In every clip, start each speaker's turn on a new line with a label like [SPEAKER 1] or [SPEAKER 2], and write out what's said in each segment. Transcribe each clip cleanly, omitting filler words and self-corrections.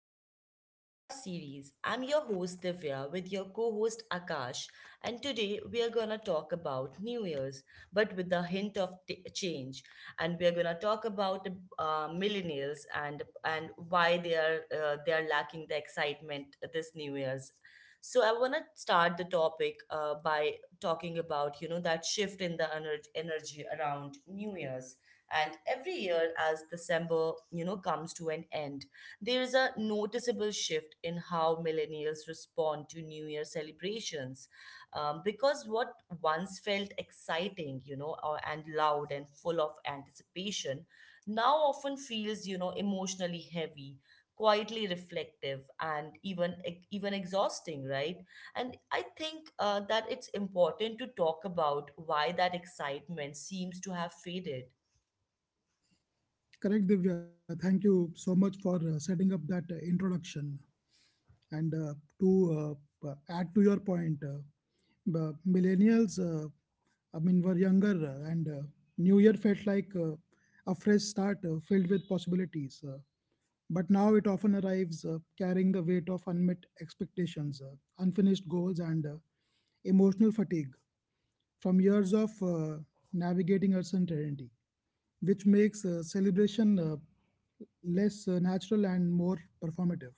[SPEAKER 1] back to our podcast series. I'm your host Divya with your co host Akash, and today we are gonna talk about New Year's but with a hint of change. And we are gonna talk about millennials and why they are lacking the excitement this New Year's. So I wanna start the topic by talking about you know that shift in the energy around New Year's, and every year as December you know comes to an end, there is a noticeable shift in how millennials respond to new year celebrations, because what once felt exciting you know and loud and full of anticipation now often feels you know emotionally heavy, quietly reflective, and even even exhausting, right? And I think that it's important to talk about why that excitement seems to have faded.
[SPEAKER 2] Correct, Divya. Thank you so much for setting up that introduction. And to add to your point, the millennials, I mean, were younger, and New Year felt like a fresh start filled with possibilities. But now it often arrives carrying the weight of unmet expectations, unfinished goals, and emotional fatigue from years of navigating uncertainty, which makes celebration less natural and more performative.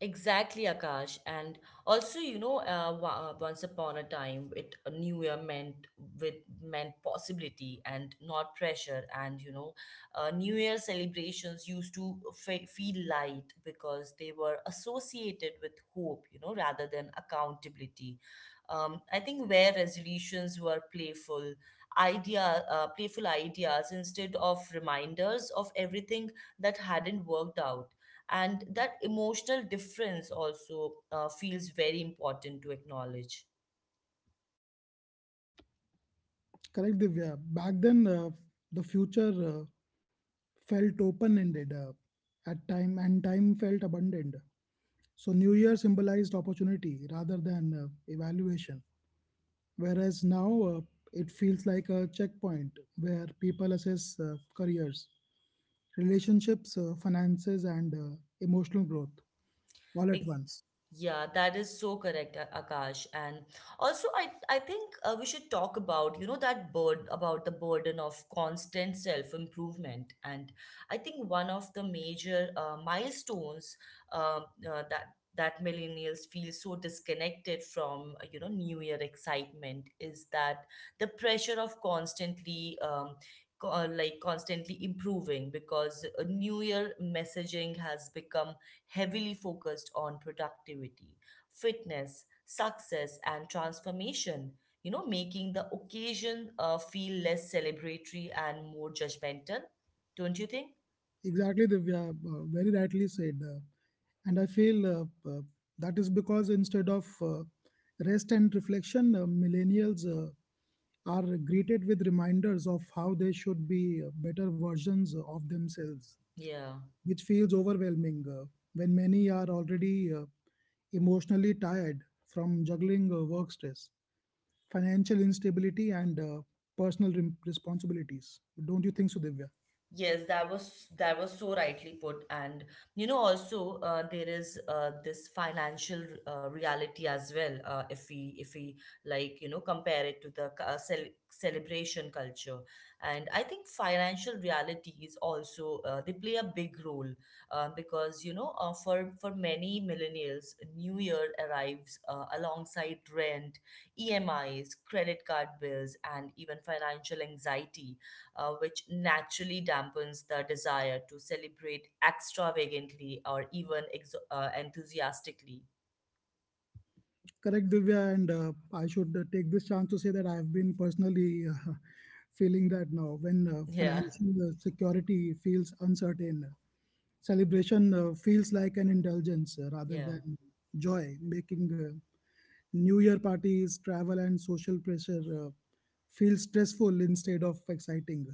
[SPEAKER 1] Exactly, Akash. And also, you know, once upon a time, it a new year meant with meant possibility and not pressure. And you know, New Year celebrations used to feel light because they were associated with hope, you know, rather than accountability. I think where resolutions were playful ideas instead of reminders of everything that hadn't worked out, and that emotional difference also feels very important to acknowledge.
[SPEAKER 2] Correct, Divya. Back then, the future uh, felt open-ended at time, and time felt abundant. So, New Year symbolized opportunity rather than evaluation. Whereas now, it feels like a checkpoint where people assess careers, relationships, finances, and emotional growth all at
[SPEAKER 1] Ex-
[SPEAKER 2] once.
[SPEAKER 1] Yeah, that is so correct, Akash. And also, I think we should talk about you know that bird about the burden of constant self improvement. And I think one of the major milestones, um, uh, that that millennials feel so disconnected from you know New Year excitement is that the pressure of constantly. Like constantly improving because new year messaging has become heavily focused on productivity, fitness, success, and transformation, you know, making the occasion feel less celebratory and more judgmental, don't you think?
[SPEAKER 2] Exactly, Divya, very rightly said. And I feel uh, that is because instead of rest and reflection, millennials are greeted with reminders of how they should be better versions of themselves,
[SPEAKER 1] Yeah.
[SPEAKER 2] which feels overwhelming when many are already emotionally tired from juggling work stress, financial instability, and personal responsibilities. Don't you think so, Divya?
[SPEAKER 1] Yes, that was so rightly put, and you know also there is this financial reality as well. If we like you know compare it to the celebration culture, and I think financial reality is also they play a big role because you know for many millennials, New Year arrives alongside rent, EMIs, credit card bills, and even financial anxiety which naturally dampens the desire to celebrate extravagantly or even enthusiastically.
[SPEAKER 2] Correct, Divya, and I should take this chance to say that I've been personally feeling that now when
[SPEAKER 1] Yeah,
[SPEAKER 2] financial security feels uncertain, celebration feels like an indulgence rather
[SPEAKER 1] yeah.
[SPEAKER 2] than joy, making New Year parties, travel, and social pressure feel stressful instead of exciting,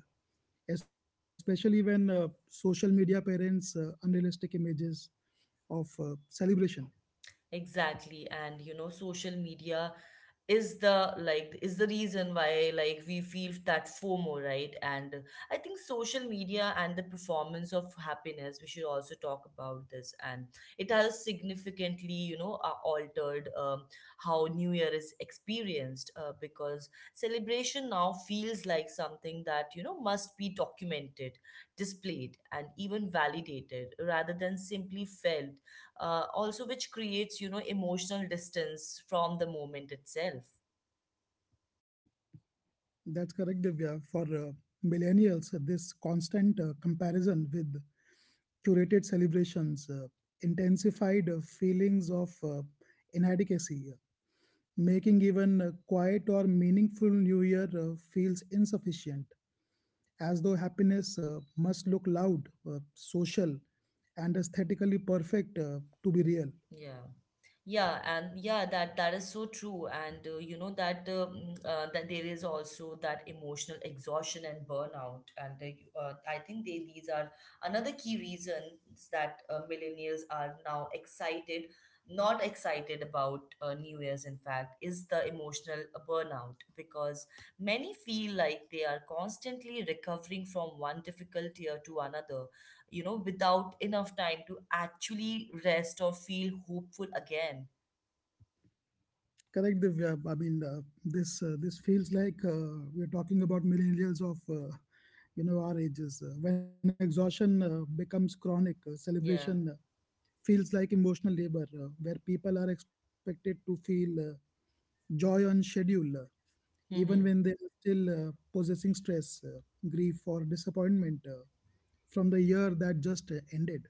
[SPEAKER 2] especially when social media parents unrealistic images of celebration.
[SPEAKER 1] Exactly. And you know, social media is the reason why like we feel that FOMO, right? And I think social media and the performance of happiness, we should also talk about this. And it has significantly, you know, altered how New Year is experienced because celebration now feels like something that, you know, must be documented, displayed, and even validated rather than simply felt, also which creates you know emotional distance from the moment itself.
[SPEAKER 2] That's correct, Divya. For millennials, this constant comparison with curated celebrations intensified feelings of inadequacy, making even a quiet or meaningful New Year feels insufficient, as though happiness must look loud, social, and aesthetically perfect to be real.
[SPEAKER 1] Yeah. Yeah, and yeah, that that is so true. And that there is also that emotional exhaustion and burnout. And I think they these are another key reasons that millennials are now excited, not excited about New Year's. In fact, is the emotional burnout because many feel like they are constantly recovering from one difficult year to another. You know, without enough time to actually rest or feel hopeful again.
[SPEAKER 2] Correct, Divya. I mean, this feels like we are talking about millennials of our ages. When exhaustion becomes chronic, celebration
[SPEAKER 1] Yeah.
[SPEAKER 2] feels like emotional labor, where people are expected to feel joy on schedule, even
[SPEAKER 1] Hmm.
[SPEAKER 2] when they are still possessing stress, grief, or disappointment from the year that just ended.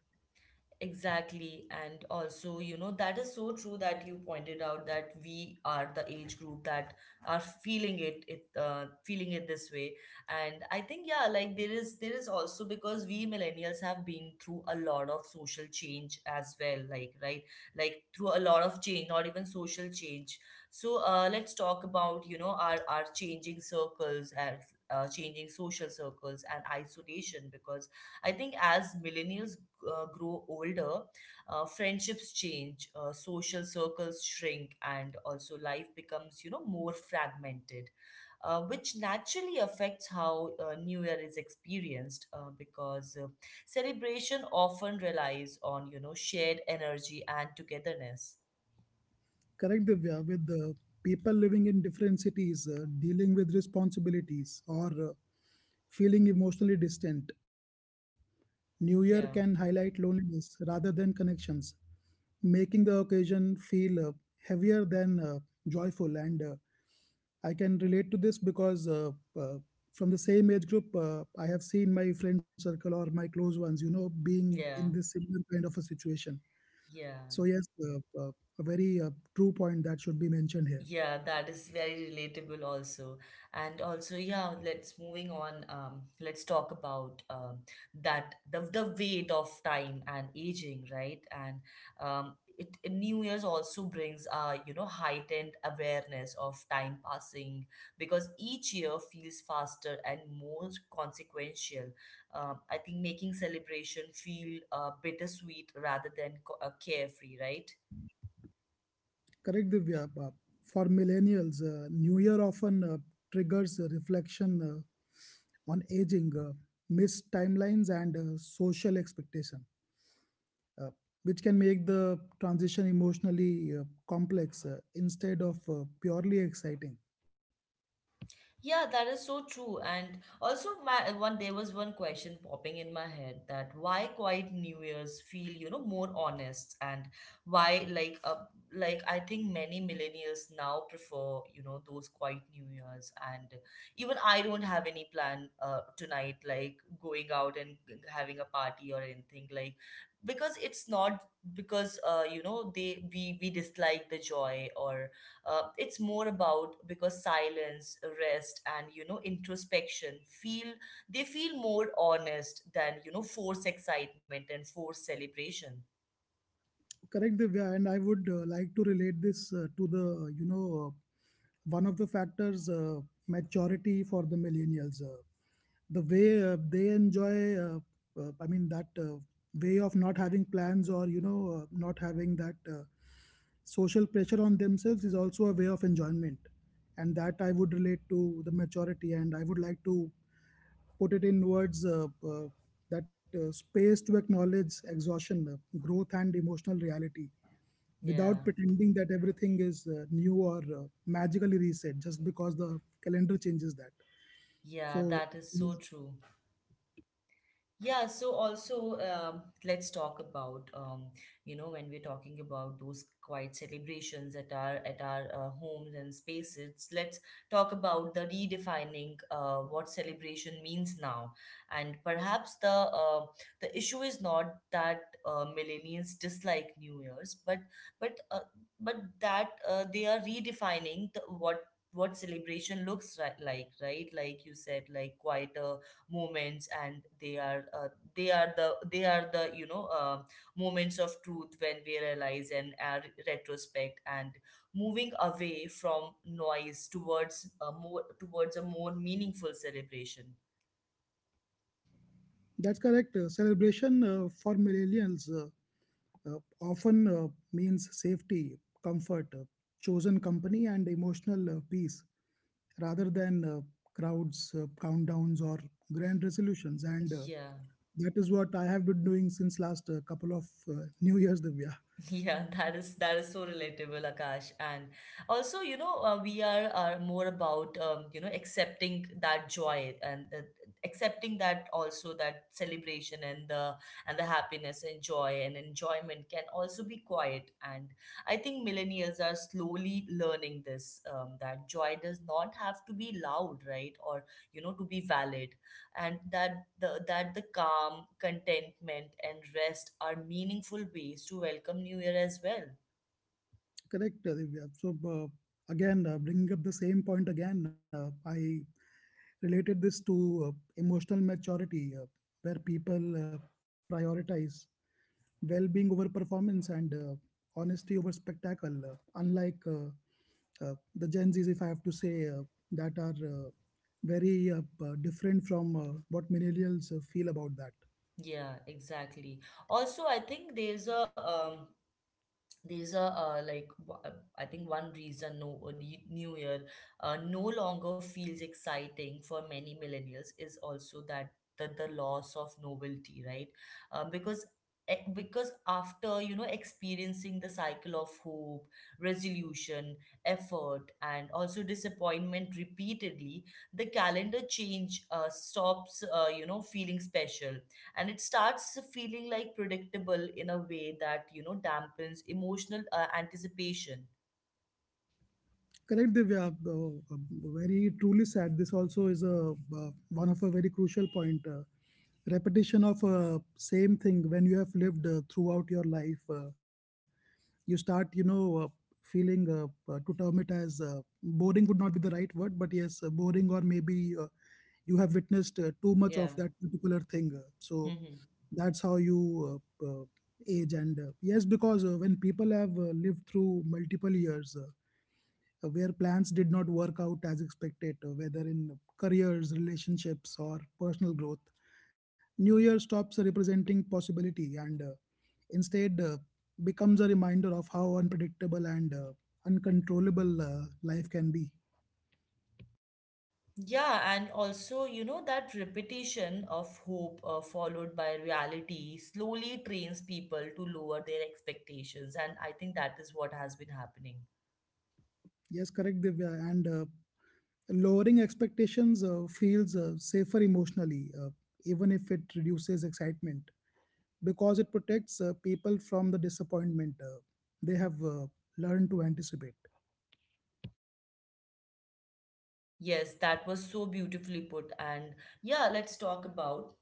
[SPEAKER 1] Exactly. And also, you know, that is so true that you pointed out that we are the age group that are feeling it, feeling it this way. And I think, yeah, like there is also because we millennials have been through a lot of social change as well, like right, like through a lot of change, not even social change. So let's talk about, you know, our changing circles and changing social circles and isolation because I think as millennials grow older, friendships change, social circles shrink, and also life becomes, you know, more fragmented, which naturally affects how New Year is experienced because celebration often relies on, you know, shared energy and togetherness.
[SPEAKER 2] Correct, Divya, with the people living in different cities, dealing with responsibilities, or feeling emotionally distant. New Year can highlight
[SPEAKER 1] Yeah,
[SPEAKER 2] loneliness rather than connections, making the occasion feel heavier than joyful. And I can relate to this because uh, from the same age group, I have seen my friend circle or my close ones, being in
[SPEAKER 1] yeah,
[SPEAKER 2] this similar kind of a situation. So
[SPEAKER 1] yeah.
[SPEAKER 2] yes, a very true point that should be mentioned here.
[SPEAKER 1] Yeah, that is very relatable also. And also, yeah, let's moving on. Let's talk about that the weight of time and aging, right? And New Year's also brings you know, heightened awareness of time passing because each year feels faster and more consequential. I think making celebration feel bittersweet rather than carefree, right?
[SPEAKER 2] Correct, Divya. For millennials, New Year often triggers a reflection on aging, missed timelines, and social expectation, uh, which can make the transition emotionally complex instead of purely exciting.
[SPEAKER 1] Yeah, that is so true. And also, my one there was one question popping in my head that why quiet New Year's feel, you know, more honest, and why like I think many millennials now prefer, you know, those quiet New Year's, and even I don't have any plan tonight like going out and having a party or anything like because it's not because you know they we dislike the joy, or it's more about because silence, rest, and you know introspection feel, they feel more honest than you know forced excitement and forced celebration.
[SPEAKER 2] Correct, Divya, and I would like to relate this to one of the factors, maturity for the millennials. The way they enjoy, I mean, that way of not having plans or not having that social pressure on themselves is also a way of enjoyment, and that I would relate to the maturity, and I would like to put it in words, that space to acknowledge exhaustion, growth, and emotional reality without
[SPEAKER 1] Yeah.
[SPEAKER 2] pretending that everything is new or magically reset just because the calendar changes that.
[SPEAKER 1] Yeah,
[SPEAKER 2] So,
[SPEAKER 1] that is so
[SPEAKER 2] mm,
[SPEAKER 1] true. Yeah, so also let's talk about you know when we're talking about those quiet celebrations at our homes and spaces. Let's talk about the redefining what celebration means now, and perhaps uh, the issue is not that millennials dislike New Year's, but uh, but that they are redefining the, what celebration looks like, right? Like you said, like quieter moments, and they are the you know moments of truth when we realize and retrospect, and moving away from noise towards a more meaningful celebration.
[SPEAKER 2] that's correct. Celebration for millennials uh, often means safety, comfort, chosen company, and emotional peace rather than crowds, countdowns, or grand resolutions. And
[SPEAKER 1] Yeah.
[SPEAKER 2] that is what I have been doing since last couple of New Year's, Divya.
[SPEAKER 1] Yeah, that is so relatable, Akash. And also, you know, we are more about you know accepting that joy, and accepting that also that celebration, and the happiness and joy and enjoyment can also be quiet. And I think millennials are slowly learning this, that joy does not have to be loud, right? Or you know, to be valid, and that the calm, contentment, and rest are meaningful ways to welcome New Year as well.
[SPEAKER 2] Correct, Divya. So, again, bringing up the same point again, I related this to emotional maturity, where people prioritize well being over performance and honesty over spectacle, unlike the Gen Zs, if I have to say, that are very different from what millennials feel about that.
[SPEAKER 1] Yeah, exactly. Also, I think there's a these are like w- I think one reason new year no longer feels exciting for many millennials is also that the loss of novelty, right? uh, because because after you know experiencing the cycle of hope, resolution, effort, and also disappointment repeatedly, the calendar change stops you know feeling special, and it starts feeling like predictable in a way that you know dampens emotional anticipation.
[SPEAKER 2] Correct, Divya. Uh, uh, Very truly sad. This also is a uh, one of a very crucial point. Repetition of same thing when you have lived throughout your life, you start, feeling to term it as boring would not be the right word, but yes, boring or maybe you have witnessed too much
[SPEAKER 1] Yeah.
[SPEAKER 2] of that particular thing. So
[SPEAKER 1] Hmm.
[SPEAKER 2] that's how you uh, uh, age. And yes, because when people have lived through multiple years, where plans did not work out as expected, whether in careers, relationships, or personal growth. New Year stops representing possibility and instead becomes a reminder of how unpredictable and uncontrollable life can be.
[SPEAKER 1] Yeah, and also you know that repetition of hope followed by reality slowly trains people to lower their expectations, and I think that is what has been happening.
[SPEAKER 2] Yes, correct, Divya. And lowering expectations feels safer emotionally, even if it reduces excitement, because it protects people from the disappointment they have learned to anticipate.
[SPEAKER 1] Yes, that was so beautifully put. And yeah, let's talk about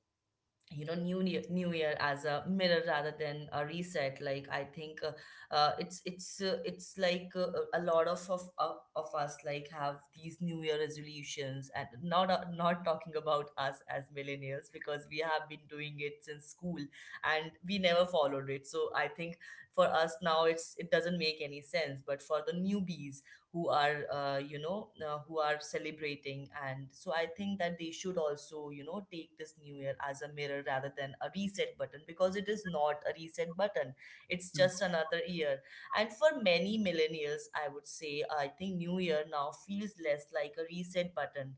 [SPEAKER 1] you know new year as a mirror rather than a reset. Like I think it's like a lot of us like have these new year resolutions, and not not talking about us as millennials because we have been doing it since school and we never followed it, so I think for us now it doesn't make any sense, but for the newbies who are who are celebrating, and so I think that they should also you know take this new year as a mirror rather than a reset button, because it is not a reset button, it's just another year. And for many millennials I would say, I think new year now feels less like a reset button,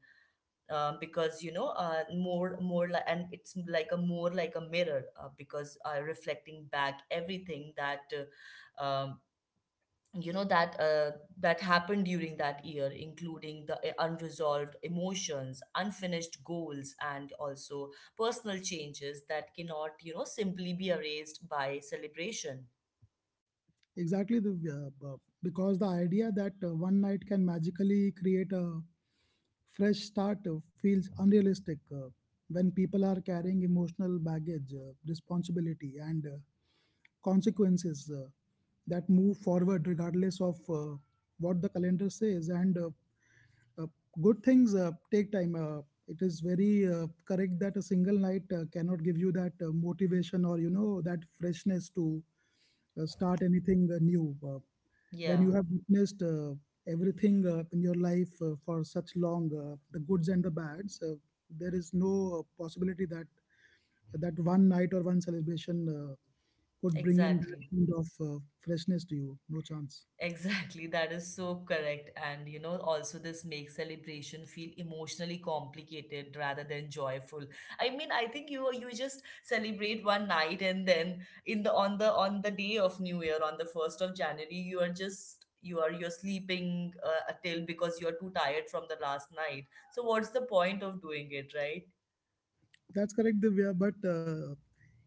[SPEAKER 1] because you know more like, and it's like a more like a mirror, because reflecting back everything that uh, um, you know that uh, that happened during that year, including the unresolved emotions, unfinished goals, and also personal changes that cannot you know simply be erased by celebration.
[SPEAKER 2] Exactly, because the idea that one night can magically create a fresh start feels unrealistic when people are carrying emotional baggage, responsibility, and consequences that move forward regardless of what the calendar says. And uh, good things take time. It is very correct that a single night cannot give you that motivation or that freshness to start anything new. When you
[SPEAKER 1] Yeah,
[SPEAKER 2] have witnessed everything in your life for such long, the goods and the bads, there is no possibility that one night or one celebration could bring in that
[SPEAKER 1] exactly.
[SPEAKER 2] kind of freshness to you. No chance.
[SPEAKER 1] Exactly, that is so correct. And you know, also this makes celebration feel emotionally complicated rather than joyful. I mean, I think you just celebrate one night, and then in the on the day of New Year on the 1st of January, you are just you're sleeping till because you're too tired from the last night. So what's the point of doing it, right?
[SPEAKER 2] That's correct, Divya. But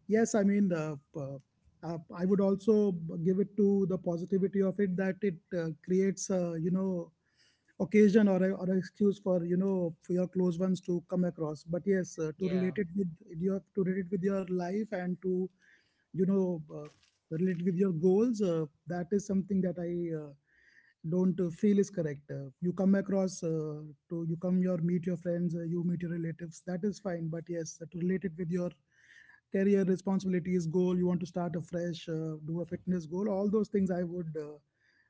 [SPEAKER 2] yes, I mean, I would also give it to the positivity of it that it creates, a, occasion or a, or an excuse for you know for your close ones to come across. But yes, to
[SPEAKER 1] Yeah.
[SPEAKER 2] relate it with your life and to you know uh, relate with your goals. That is something that I don't feel is correct. You come across, to you come your meet your friends. You meet your relatives, that is fine. But yes, to relate it with your career responsibilities, goal you want to start afresh, do a fitness goal, all those things I would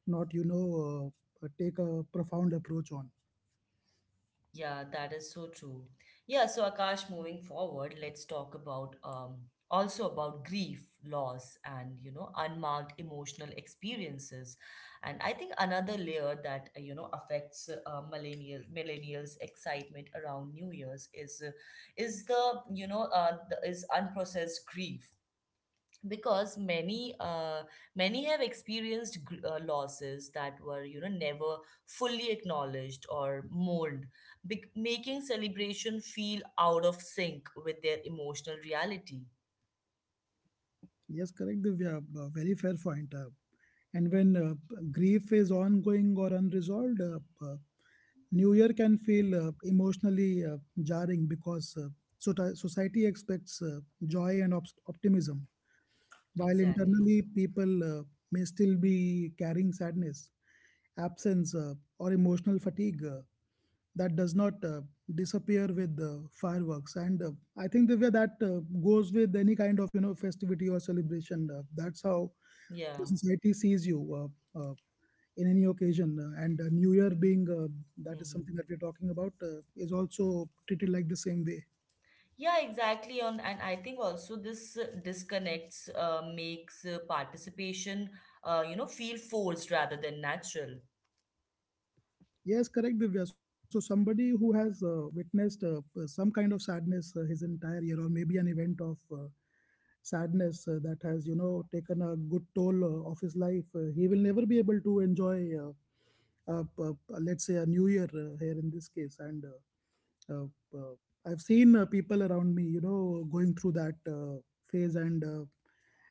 [SPEAKER 2] not take a profound approach on.
[SPEAKER 1] Yeah, that is so true. Yeah, so Akash, moving forward, let's talk about also about grief, loss, and you know, unmarked emotional experiences. And I think another layer that affects millennials' excitement around New Year's is the is unprocessed grief because many have experienced losses that were never fully acknowledged or mourned, making celebration feel out of sync with their emotional reality.
[SPEAKER 2] Yes, correct, Divya. Very fair point. And when grief is ongoing or unresolved, New Year can feel emotionally jarring because so society expects joy and optimism. While
[SPEAKER 1] Exactly.
[SPEAKER 2] internally people may still be carrying sadness, absence, or emotional fatigue that does not disappear with fireworks. And I think the way that goes with any kind of festivity or celebration. That's how
[SPEAKER 1] Yeah.
[SPEAKER 2] the society sees you uh, uh, in any occasion. And New Year being that is
[SPEAKER 1] Hmm.
[SPEAKER 2] something that we're talking about is also treated like the same way.
[SPEAKER 1] Yeah, exactly. on And I think also this disconnects makes participation feel forced rather than natural.
[SPEAKER 2] Yes, correct, Divya. So somebody who has witnessed some kind of sadness his entire year, or maybe an event of sadness that has, taken a good toll of his life, he will never be able to enjoy, let's say, a new year here in this case. And I've seen people around me, going through that phase, and uh,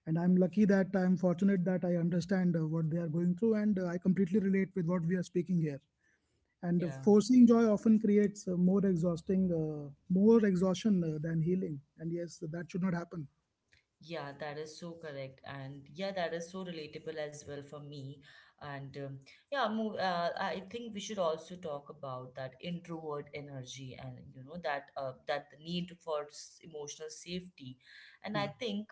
[SPEAKER 2] and I'm lucky that I'm fortunate that I understand what they are going through, and I completely relate with what we are speaking here, and
[SPEAKER 1] Yeah.
[SPEAKER 2] forcing joy often creates more exhaustion than healing. And yes, that should not happen.
[SPEAKER 1] Yeah, that is so correct, and yeah, that is so relatable as well for me. And um, I think we should also talk about that introvert energy, and you know that the need for emotional safety. And
[SPEAKER 2] Yeah,
[SPEAKER 1] I think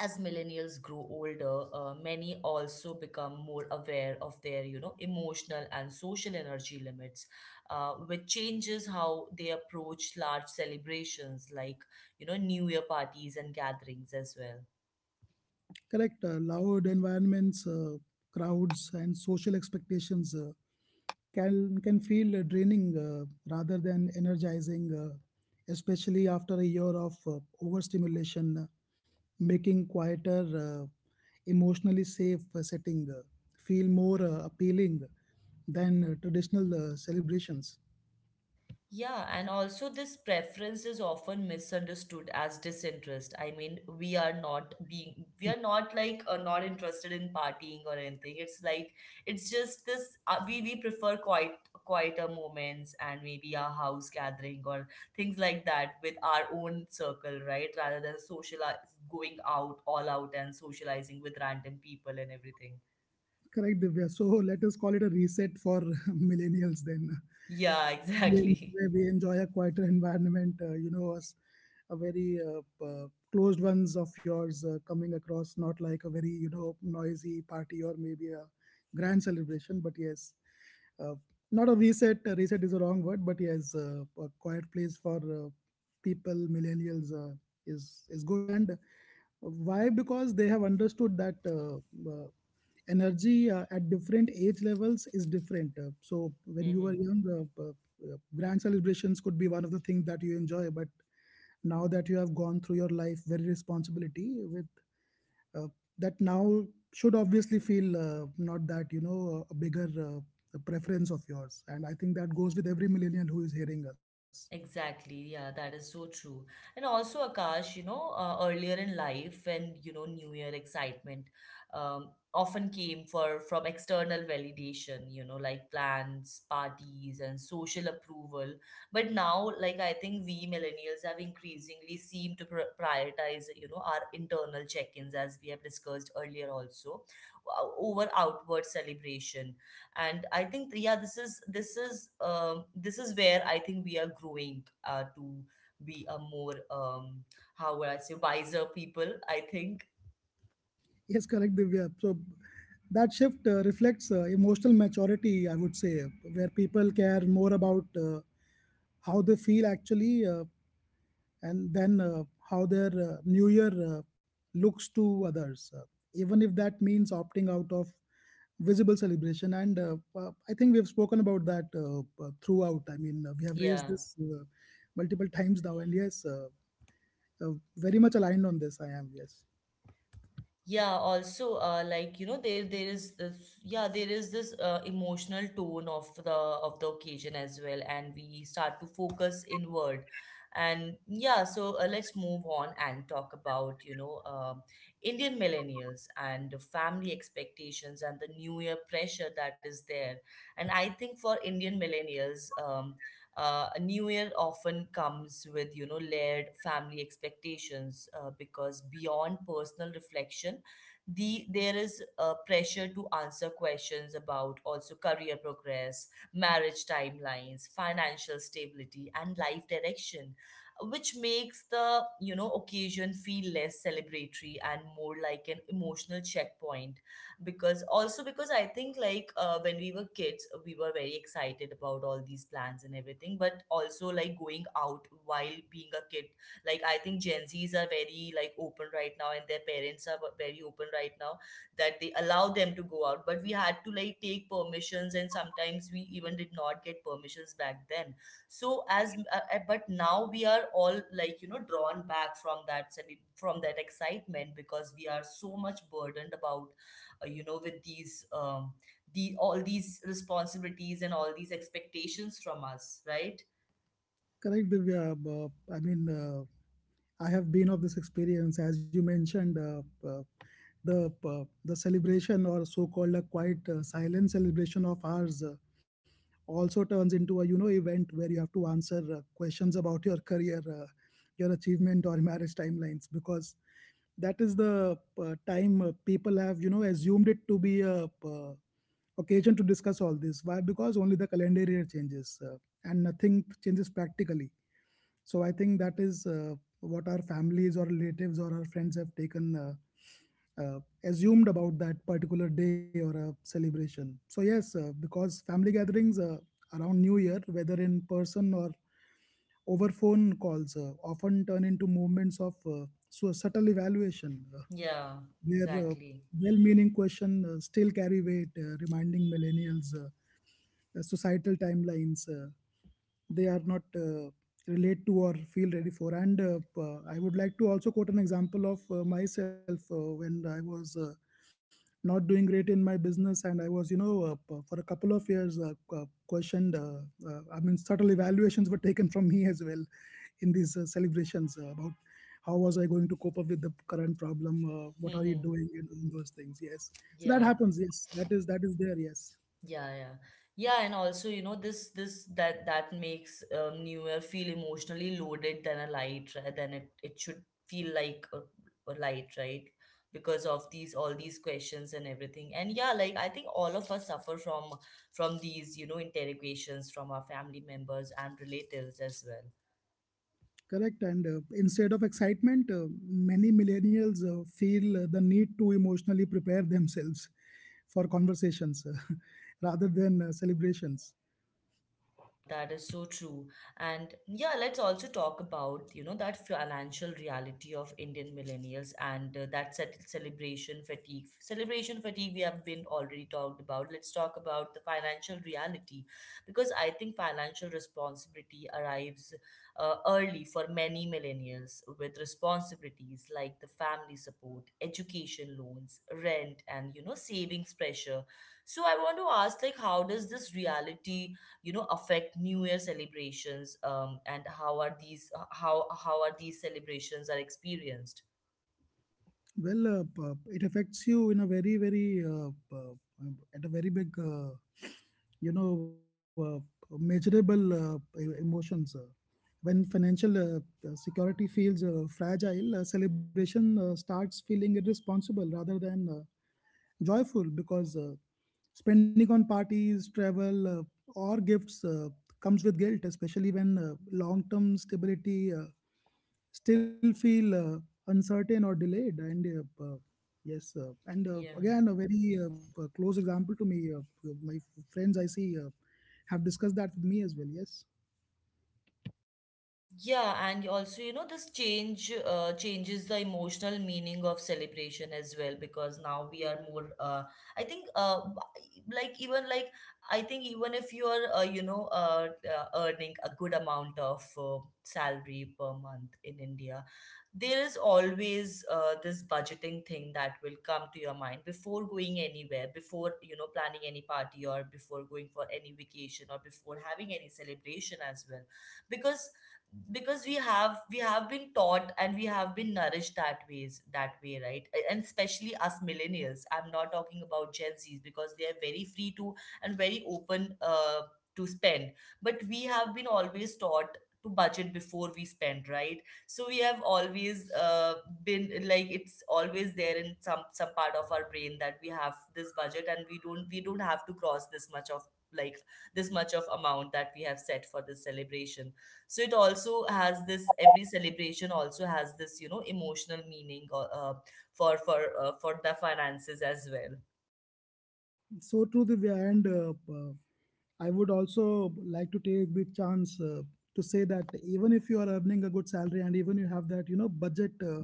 [SPEAKER 1] as millennials grow older, many also become more aware of their emotional and social energy limits, which changes how they approach large celebrations like, you know, New Year parties and gatherings as well.
[SPEAKER 2] correct. Loud environments, crowds, and social expectations can feel draining rather than energizing, especially after a year of overstimulation, making quieter, uh, emotionally safe setting feel more appealing than traditional celebrations.
[SPEAKER 1] Yeah, and also this preference is often misunderstood as disinterest. I mean, we are not like not interested in partying or anything. It's like, it's just this. We prefer quieter moments and maybe a house gathering or things like that with our own circle, right? Rather than going out all out and socializing with random people and everything.
[SPEAKER 2] Correct, Divya. So let us call it a reset for millennials then.
[SPEAKER 1] Yeah,
[SPEAKER 2] We-
[SPEAKER 1] exactly.
[SPEAKER 2] Where we enjoy a quieter environment, as a very closed ones of yours coming across, not like a very, noisy party or maybe a grand celebration, but yes, uh, not a reset. Reset is a wrong word, but yes, a quiet place for people, millennials, is is good. And why? Because they have understood that uh, energy at different age levels is different. So when you were
[SPEAKER 1] Hmm.
[SPEAKER 2] young, grand celebrations could be one of the things that you enjoy. But now that you have gone through your life very responsibility with uh, that now should obviously feel not that a bigger preference of yours. And I think that goes with every millennial who is hearing us.
[SPEAKER 1] Exactly. Yeah, that is so true. And also, Akash, you know, earlier in life, when, you know, New Year excitement often came for from external validation, you know, like plans, parties, and social approval. But now, like, I think we millennials have increasingly seem to pr prioritize, you know, our internal check-ins, as we have discussed earlier also, over outward celebration. And I think, yeah, this is where I think we are growing to be a more, how would I say wiser people, I think.
[SPEAKER 2] Yes, correct, Divya. So that shift reflects emotional maturity, I would say, where people care more about how they feel actually, and then how their new year looks to others, even if that means opting out of visible celebration. And I think we've spoken about that
[SPEAKER 1] Mm.
[SPEAKER 2] throughout. I mean, we have raised
[SPEAKER 1] Yeah.
[SPEAKER 2] this multiple times now, and yes, very much aligned on this. I am, yes.
[SPEAKER 1] Yeah, also, like, you know, there is this emotional tone of the occasion as well, and we start to focus inward. And yeah, so let's move on and talk about, Indian millennials and the family expectations and the new year pressure that is there. And I think for Indian millennials, a new year often comes with, you know, layered family expectations because beyond personal reflection, there is a pressure to answer questions about also career progress, marriage timelines, financial stability, and life direction, which makes the, you know, occasion feel less celebratory and more like an emotional checkpoint. Because I think, like, when we were kids, we were very excited about all these plans and everything, but also like going out while being a kid, like, I think Gen Z's are very like open right now and their parents are very open right now, that they allow them to go out, but we had to like take permissions and sometimes we even did not get permissions back then. So as uh, uh, but now we are all like, you know, drawn back from that from that excitement, because we are so much burdened about, you know, with these, the all these responsibilities and all these expectations from us, right?
[SPEAKER 2] Correct, Divya. I mean, I have been of this experience, as you mentioned, uh, the celebration or so-called a quiet silent celebration of ours also turns into a, you know, event where you have to answer questions about your career, your achievement, or marriage timelines, because that is the time people have, you know, assumed it to be a occasion to discuss all this. Why? Because only the calendar year changes, and nothing changes practically. So I think that is what our families or relatives or our friends have taken, assumed about that particular day or a celebration. So yes, because family gatherings around New Year, whether in person or over phone calls, often turn into moments of so subtle evaluation,
[SPEAKER 1] Yeah.
[SPEAKER 2] where
[SPEAKER 1] Exactly.
[SPEAKER 2] well-meaning questions still carry weight, reminding millennials societal timelines they are not relate to or feel ready for. And I would like to also quote an example of myself when I was not doing great in my business, and I was, you know, for a couple of years questioned. I mean, subtle evaluations were taken from me as well in these celebrations about how was I going to cope up with the current problem, what are you doing, and all those things, yes. So that
[SPEAKER 1] Yeah,
[SPEAKER 2] happens, yes, that is there, yes.
[SPEAKER 1] yeah, yeah, yeah, and also, you know, this that that makes, New Year feel emotionally loaded than a light, right? Than it it should feel like a light, right? Because of these all these questions and everything. And yeah, like I think all of us suffer from, these, you know, interrogations from our family members and relatives as well.
[SPEAKER 2] Correct. And instead of excitement, many millennials feel the need to emotionally prepare themselves for conversations rather than celebrations.
[SPEAKER 1] Yeah, that is so true. And yeah, let's also talk about, you know, that financial reality of Indian millennials and that set celebration fatigue. Celebration fatigue we have been already talked about. Let's talk about the financial reality, because I think financial responsibility arrives early for many millennials with responsibilities like the family support, education loans, rent, and, you know, savings pressure. So I want to ask, like, how does this reality, you know, affect new year celebrations, and how are these, how are these celebrations are experienced?
[SPEAKER 2] Well, it affects you in a very, very, at a very big, you know, measurable emotions. When financial security feels fragile, celebration starts feeling irresponsible rather than joyful, because spending on parties, travel, or gifts comes with guilt, especially when long term stability still feel uncertain or delayed. And uh, uh, yes, and
[SPEAKER 1] Yeah.
[SPEAKER 2] again, a very close example to me. My friends I see have discussed that with me as well. Yes.
[SPEAKER 1] Yeah, and also, you know, this change changes the emotional meaning of celebration as well, because now we are more, I think, uh, b- like even like I think, even if you are, you know, earning a good amount of salary per month in India, there is always this budgeting thing that will come to your mind before going anywhere, before, you know, planning any party or before going for any vacation or before having any celebration as well. Because, we have been taught and we have been nourished that ways that way, right? And especially us millennials, I'm not talking about Gen Z's, because they are very free to and very open, to spend. But we have been always taught to budget before we spend, right? So we have always, been like, it's always there in some part of our brain that we have this budget and we don't have to cross this much of, like, this much of amount that we have set for this celebration. So it also has this, every celebration also has this, you know, emotional meaning, for the finances as well.
[SPEAKER 2] So true, Divya. And I would also like to take the chance to say that even if you are earning a good salary and even you have that, you know, budget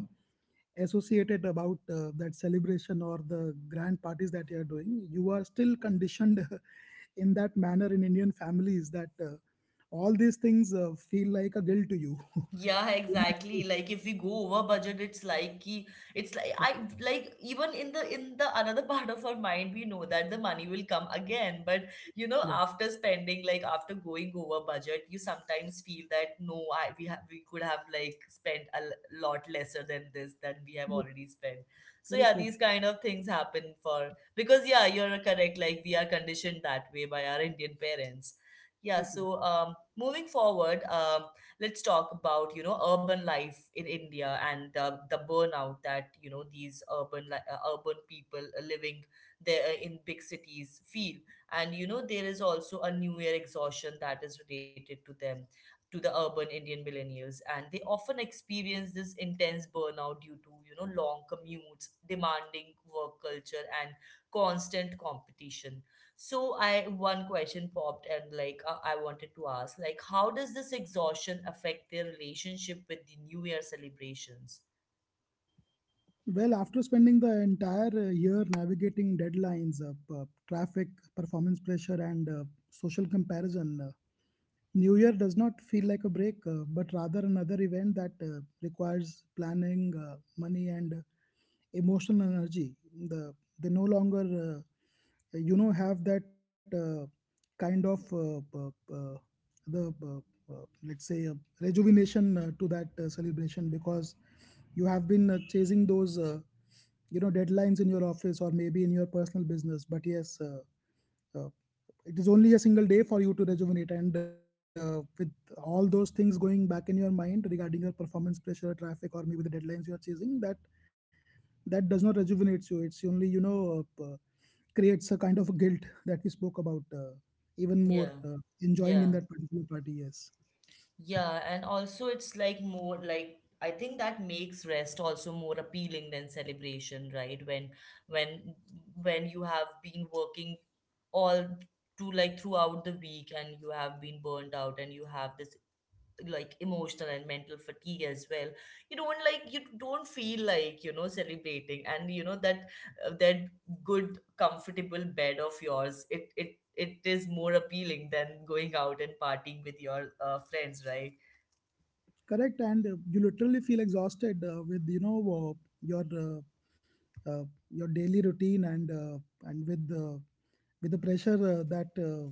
[SPEAKER 2] associated about that celebration or the grand parties that you are doing, you are still conditioned in that manner in Indian families that all these things feel like a guilt to you.
[SPEAKER 1] Yeah, exactly. Like if we go over budget, it's like ki, it's like I, like even in the, another part of our mind, we know that the money will come again. But you know,
[SPEAKER 2] Correct.
[SPEAKER 1] after spending, like after going over budget, you sometimes feel that no, I we have we could have like spent a lot lesser than this that we have
[SPEAKER 2] Correct.
[SPEAKER 1] already spent. So yeah,
[SPEAKER 2] Correct. Yes.
[SPEAKER 1] these kind of things happen for, because yeah, you're correct. Like we are conditioned that way by our Indian parents. Yeah,
[SPEAKER 2] Yes.
[SPEAKER 1] so moving forward, let's talk about, you know, urban life in India and the burnout that, you know, these urban urban people living there in big cities feel. And you know there is also a New Year exhaustion that is related to them. To the urban Indian millennials, and they often experience this intense burnout due to, you know, long commutes, demanding work culture, and constant competition. So I, one question popped, and like, I wanted to ask, like, how does this exhaustion affect their relationship with the New Year celebrations?
[SPEAKER 2] Well, after spending the entire year navigating deadlines, traffic, performance pressure, and social comparison, New Year does not feel like a break, but rather another event that requires planning, money, and emotional energy. the they no longer you know have that kind of uh, the let's say rejuvenation to that celebration, because you have been chasing those you know deadlines in your office or maybe in your personal business. But yes, uh, it is only a single day for you to rejuvenate, and with all those things going back in your mind regarding your performance pressure, traffic, or maybe the deadlines you are chasing, that does not rejuvenate you. It's only, you know, creates a kind of guilt that we spoke about even more
[SPEAKER 1] Yeah.
[SPEAKER 2] enjoying in
[SPEAKER 1] yeah,
[SPEAKER 2] that particular party, yes.
[SPEAKER 1] yeah, and also it's like more like, I think that makes rest also more appealing than celebration, right? When, when you have been working all to, like, throughout the week, and you have been burnt out, and you have this like emotional and mental fatigue as well, you don't, like, you don't feel like, you know, celebrating, and you know that, that good comfortable bed of yours, it is more appealing than going out and partying with your friends, right?
[SPEAKER 2] Correct. And you literally feel exhausted with, you know, your uh, uh, your daily routine, and with the pressure that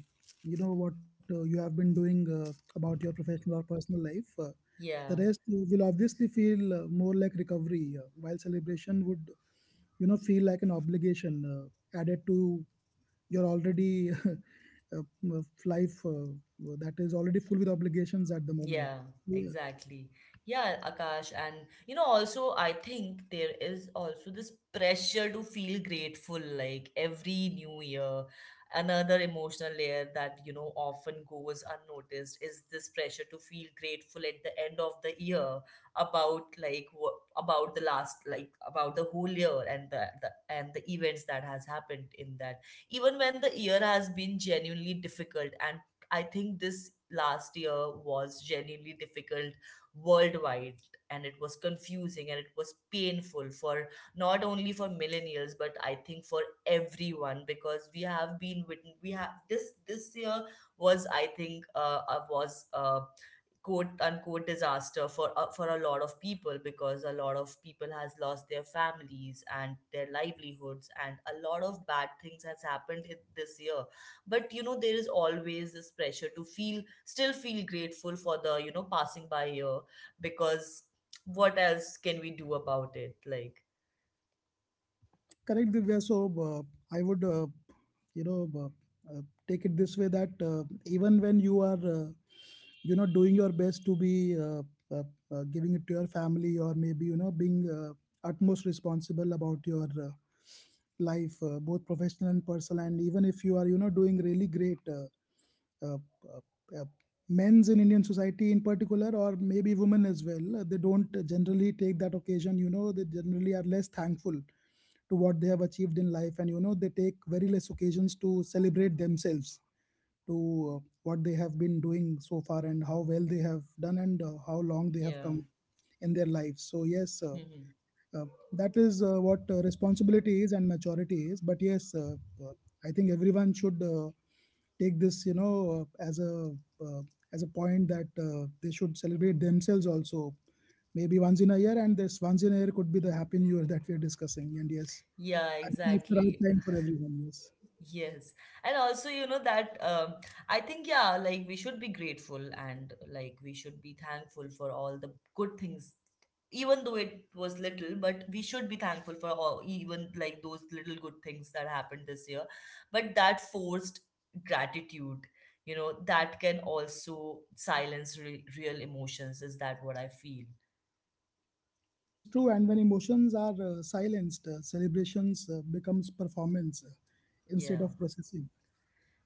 [SPEAKER 2] you know what you have been doing about your professional or personal life. The
[SPEAKER 1] Yeah.
[SPEAKER 2] rest will obviously feel more like recovery, while celebration would, you know, feel like an obligation added to your already life that is already full with obligations at the
[SPEAKER 1] Yeah,
[SPEAKER 2] moment.
[SPEAKER 1] exactly. Yeah, Akash, and you know, also, I think there is also this pressure to feel grateful, like every new year. Another emotional layer that, you know, often goes unnoticed is this pressure to feel grateful at the end of the year, about like what about the last, like about the whole year and the events that has happened in that, even when the year has been genuinely difficult. And I think this last year was genuinely difficult worldwide, and it was confusing and it was painful for not only for millennials, but I think for everyone. Because we have been written, we have this, this year was, I think, was quote unquote disaster for a lot of people, because a lot of people has lost their families and their livelihoods and a lot of bad things has happened in this year. But you know there is always this pressure to feel, still feel grateful for the, you know, passing by year, because what else can we do about it, like?
[SPEAKER 2] Correct, Divya. So I would, you know, uh, uh, take it this way, that even when you are, you know, doing your best to be uh, giving it to your family, or maybe, you know, being utmost responsible about your life, both professional and personal, and even if you are, you know, doing really great. Uh, uh, uh, Men's in Indian society in particular, or maybe women as well, they don't generally take that occasion. You know, they generally are less thankful to what they have achieved in life, and, you know, they take very less occasions to celebrate themselves, to what they have been doing so far, and how well they have done, and how long they have
[SPEAKER 1] Yeah.
[SPEAKER 2] come in their lives. So, yes.
[SPEAKER 1] Hmm.
[SPEAKER 2] Uh, that is what responsibility is and maturity is. But yes, uh, I think everyone should take this, you know, uh, as a point that they should celebrate themselves also. Maybe once in a year, and this once in a year could be the happy new year that we're discussing. And yes,
[SPEAKER 1] Yeah,
[SPEAKER 2] I think it's the right
[SPEAKER 1] exactly.
[SPEAKER 2] time for everyone. Yes.
[SPEAKER 1] Yes. And also, you know, that I think, yeah, like we should be grateful and like we should be thankful for all the good things, even though it was little, but we should be thankful for all, even like those little good things that happened this year. But that forced gratitude, you know, that can also silence re real emotions, is that what I feel?
[SPEAKER 2] Yes, true. And when emotions are silenced, celebrations becomes performance instead
[SPEAKER 1] Yeah.
[SPEAKER 2] of processing.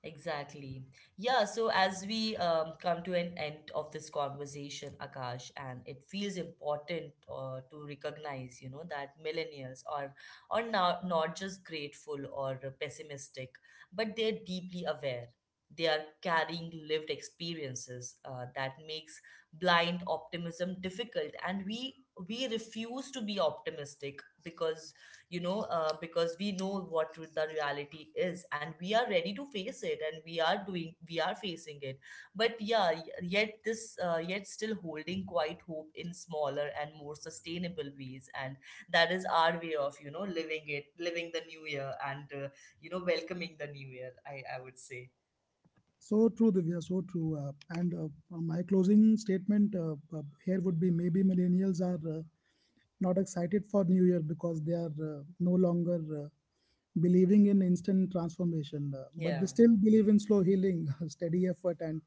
[SPEAKER 1] Exactly. Yeah, so as we, come to an end of this conversation, Akash, and it feels important to recognize, you know, that millennials are, not just grateful or pessimistic, but they're deeply aware. They are carrying lived experiences that makes blind optimism difficult, and we refuse to be optimistic, because, you know, because we know what the reality is and we are ready to face it, and we are facing it. But yeah, yet yet still holding quite hope in smaller and more sustainable ways. And that is our way of, you know, living it, living the new year and, you know, welcoming the new year, I would say.
[SPEAKER 2] So true, Divya, so true. And My closing statement here would be, maybe millennials are not excited for New Year because they are no longer uh, believing in instant transformation, but
[SPEAKER 1] Yeah,
[SPEAKER 2] they still believe in slow healing, steady effort, and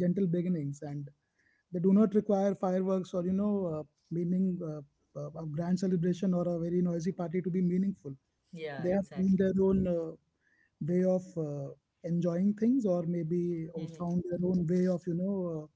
[SPEAKER 2] gentle beginnings. And they do not require fireworks or, you know, meaning a grand celebration or a very noisy party to be meaningful.
[SPEAKER 1] yeah,
[SPEAKER 2] They have found their
[SPEAKER 1] exactly.
[SPEAKER 2] own way of enjoying things, or maybe found
[SPEAKER 1] Hmm.
[SPEAKER 2] their own way of, you know,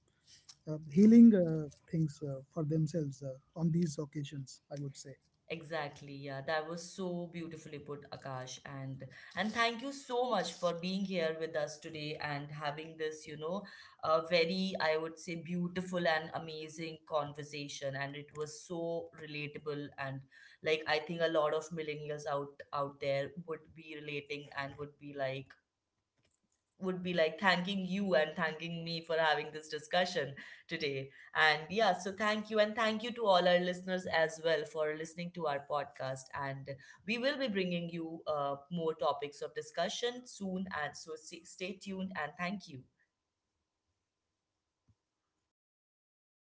[SPEAKER 2] healing things for themselves on these occasions, I would say.
[SPEAKER 1] Exactly. Yeah, that was so beautifully put, Akash. And thank you so much for being here with us today and having this, you know, a very, I would say, beautiful and amazing conversation. And it was so relatable, and like I think a lot of millennials out there would be relating and would be like thanking you and thanking me for having this discussion today. And yeah, so thank you. And thank you to all our listeners as well for listening to our podcast. And we will be bringing you more topics of discussion soon. And so stay tuned and thank you.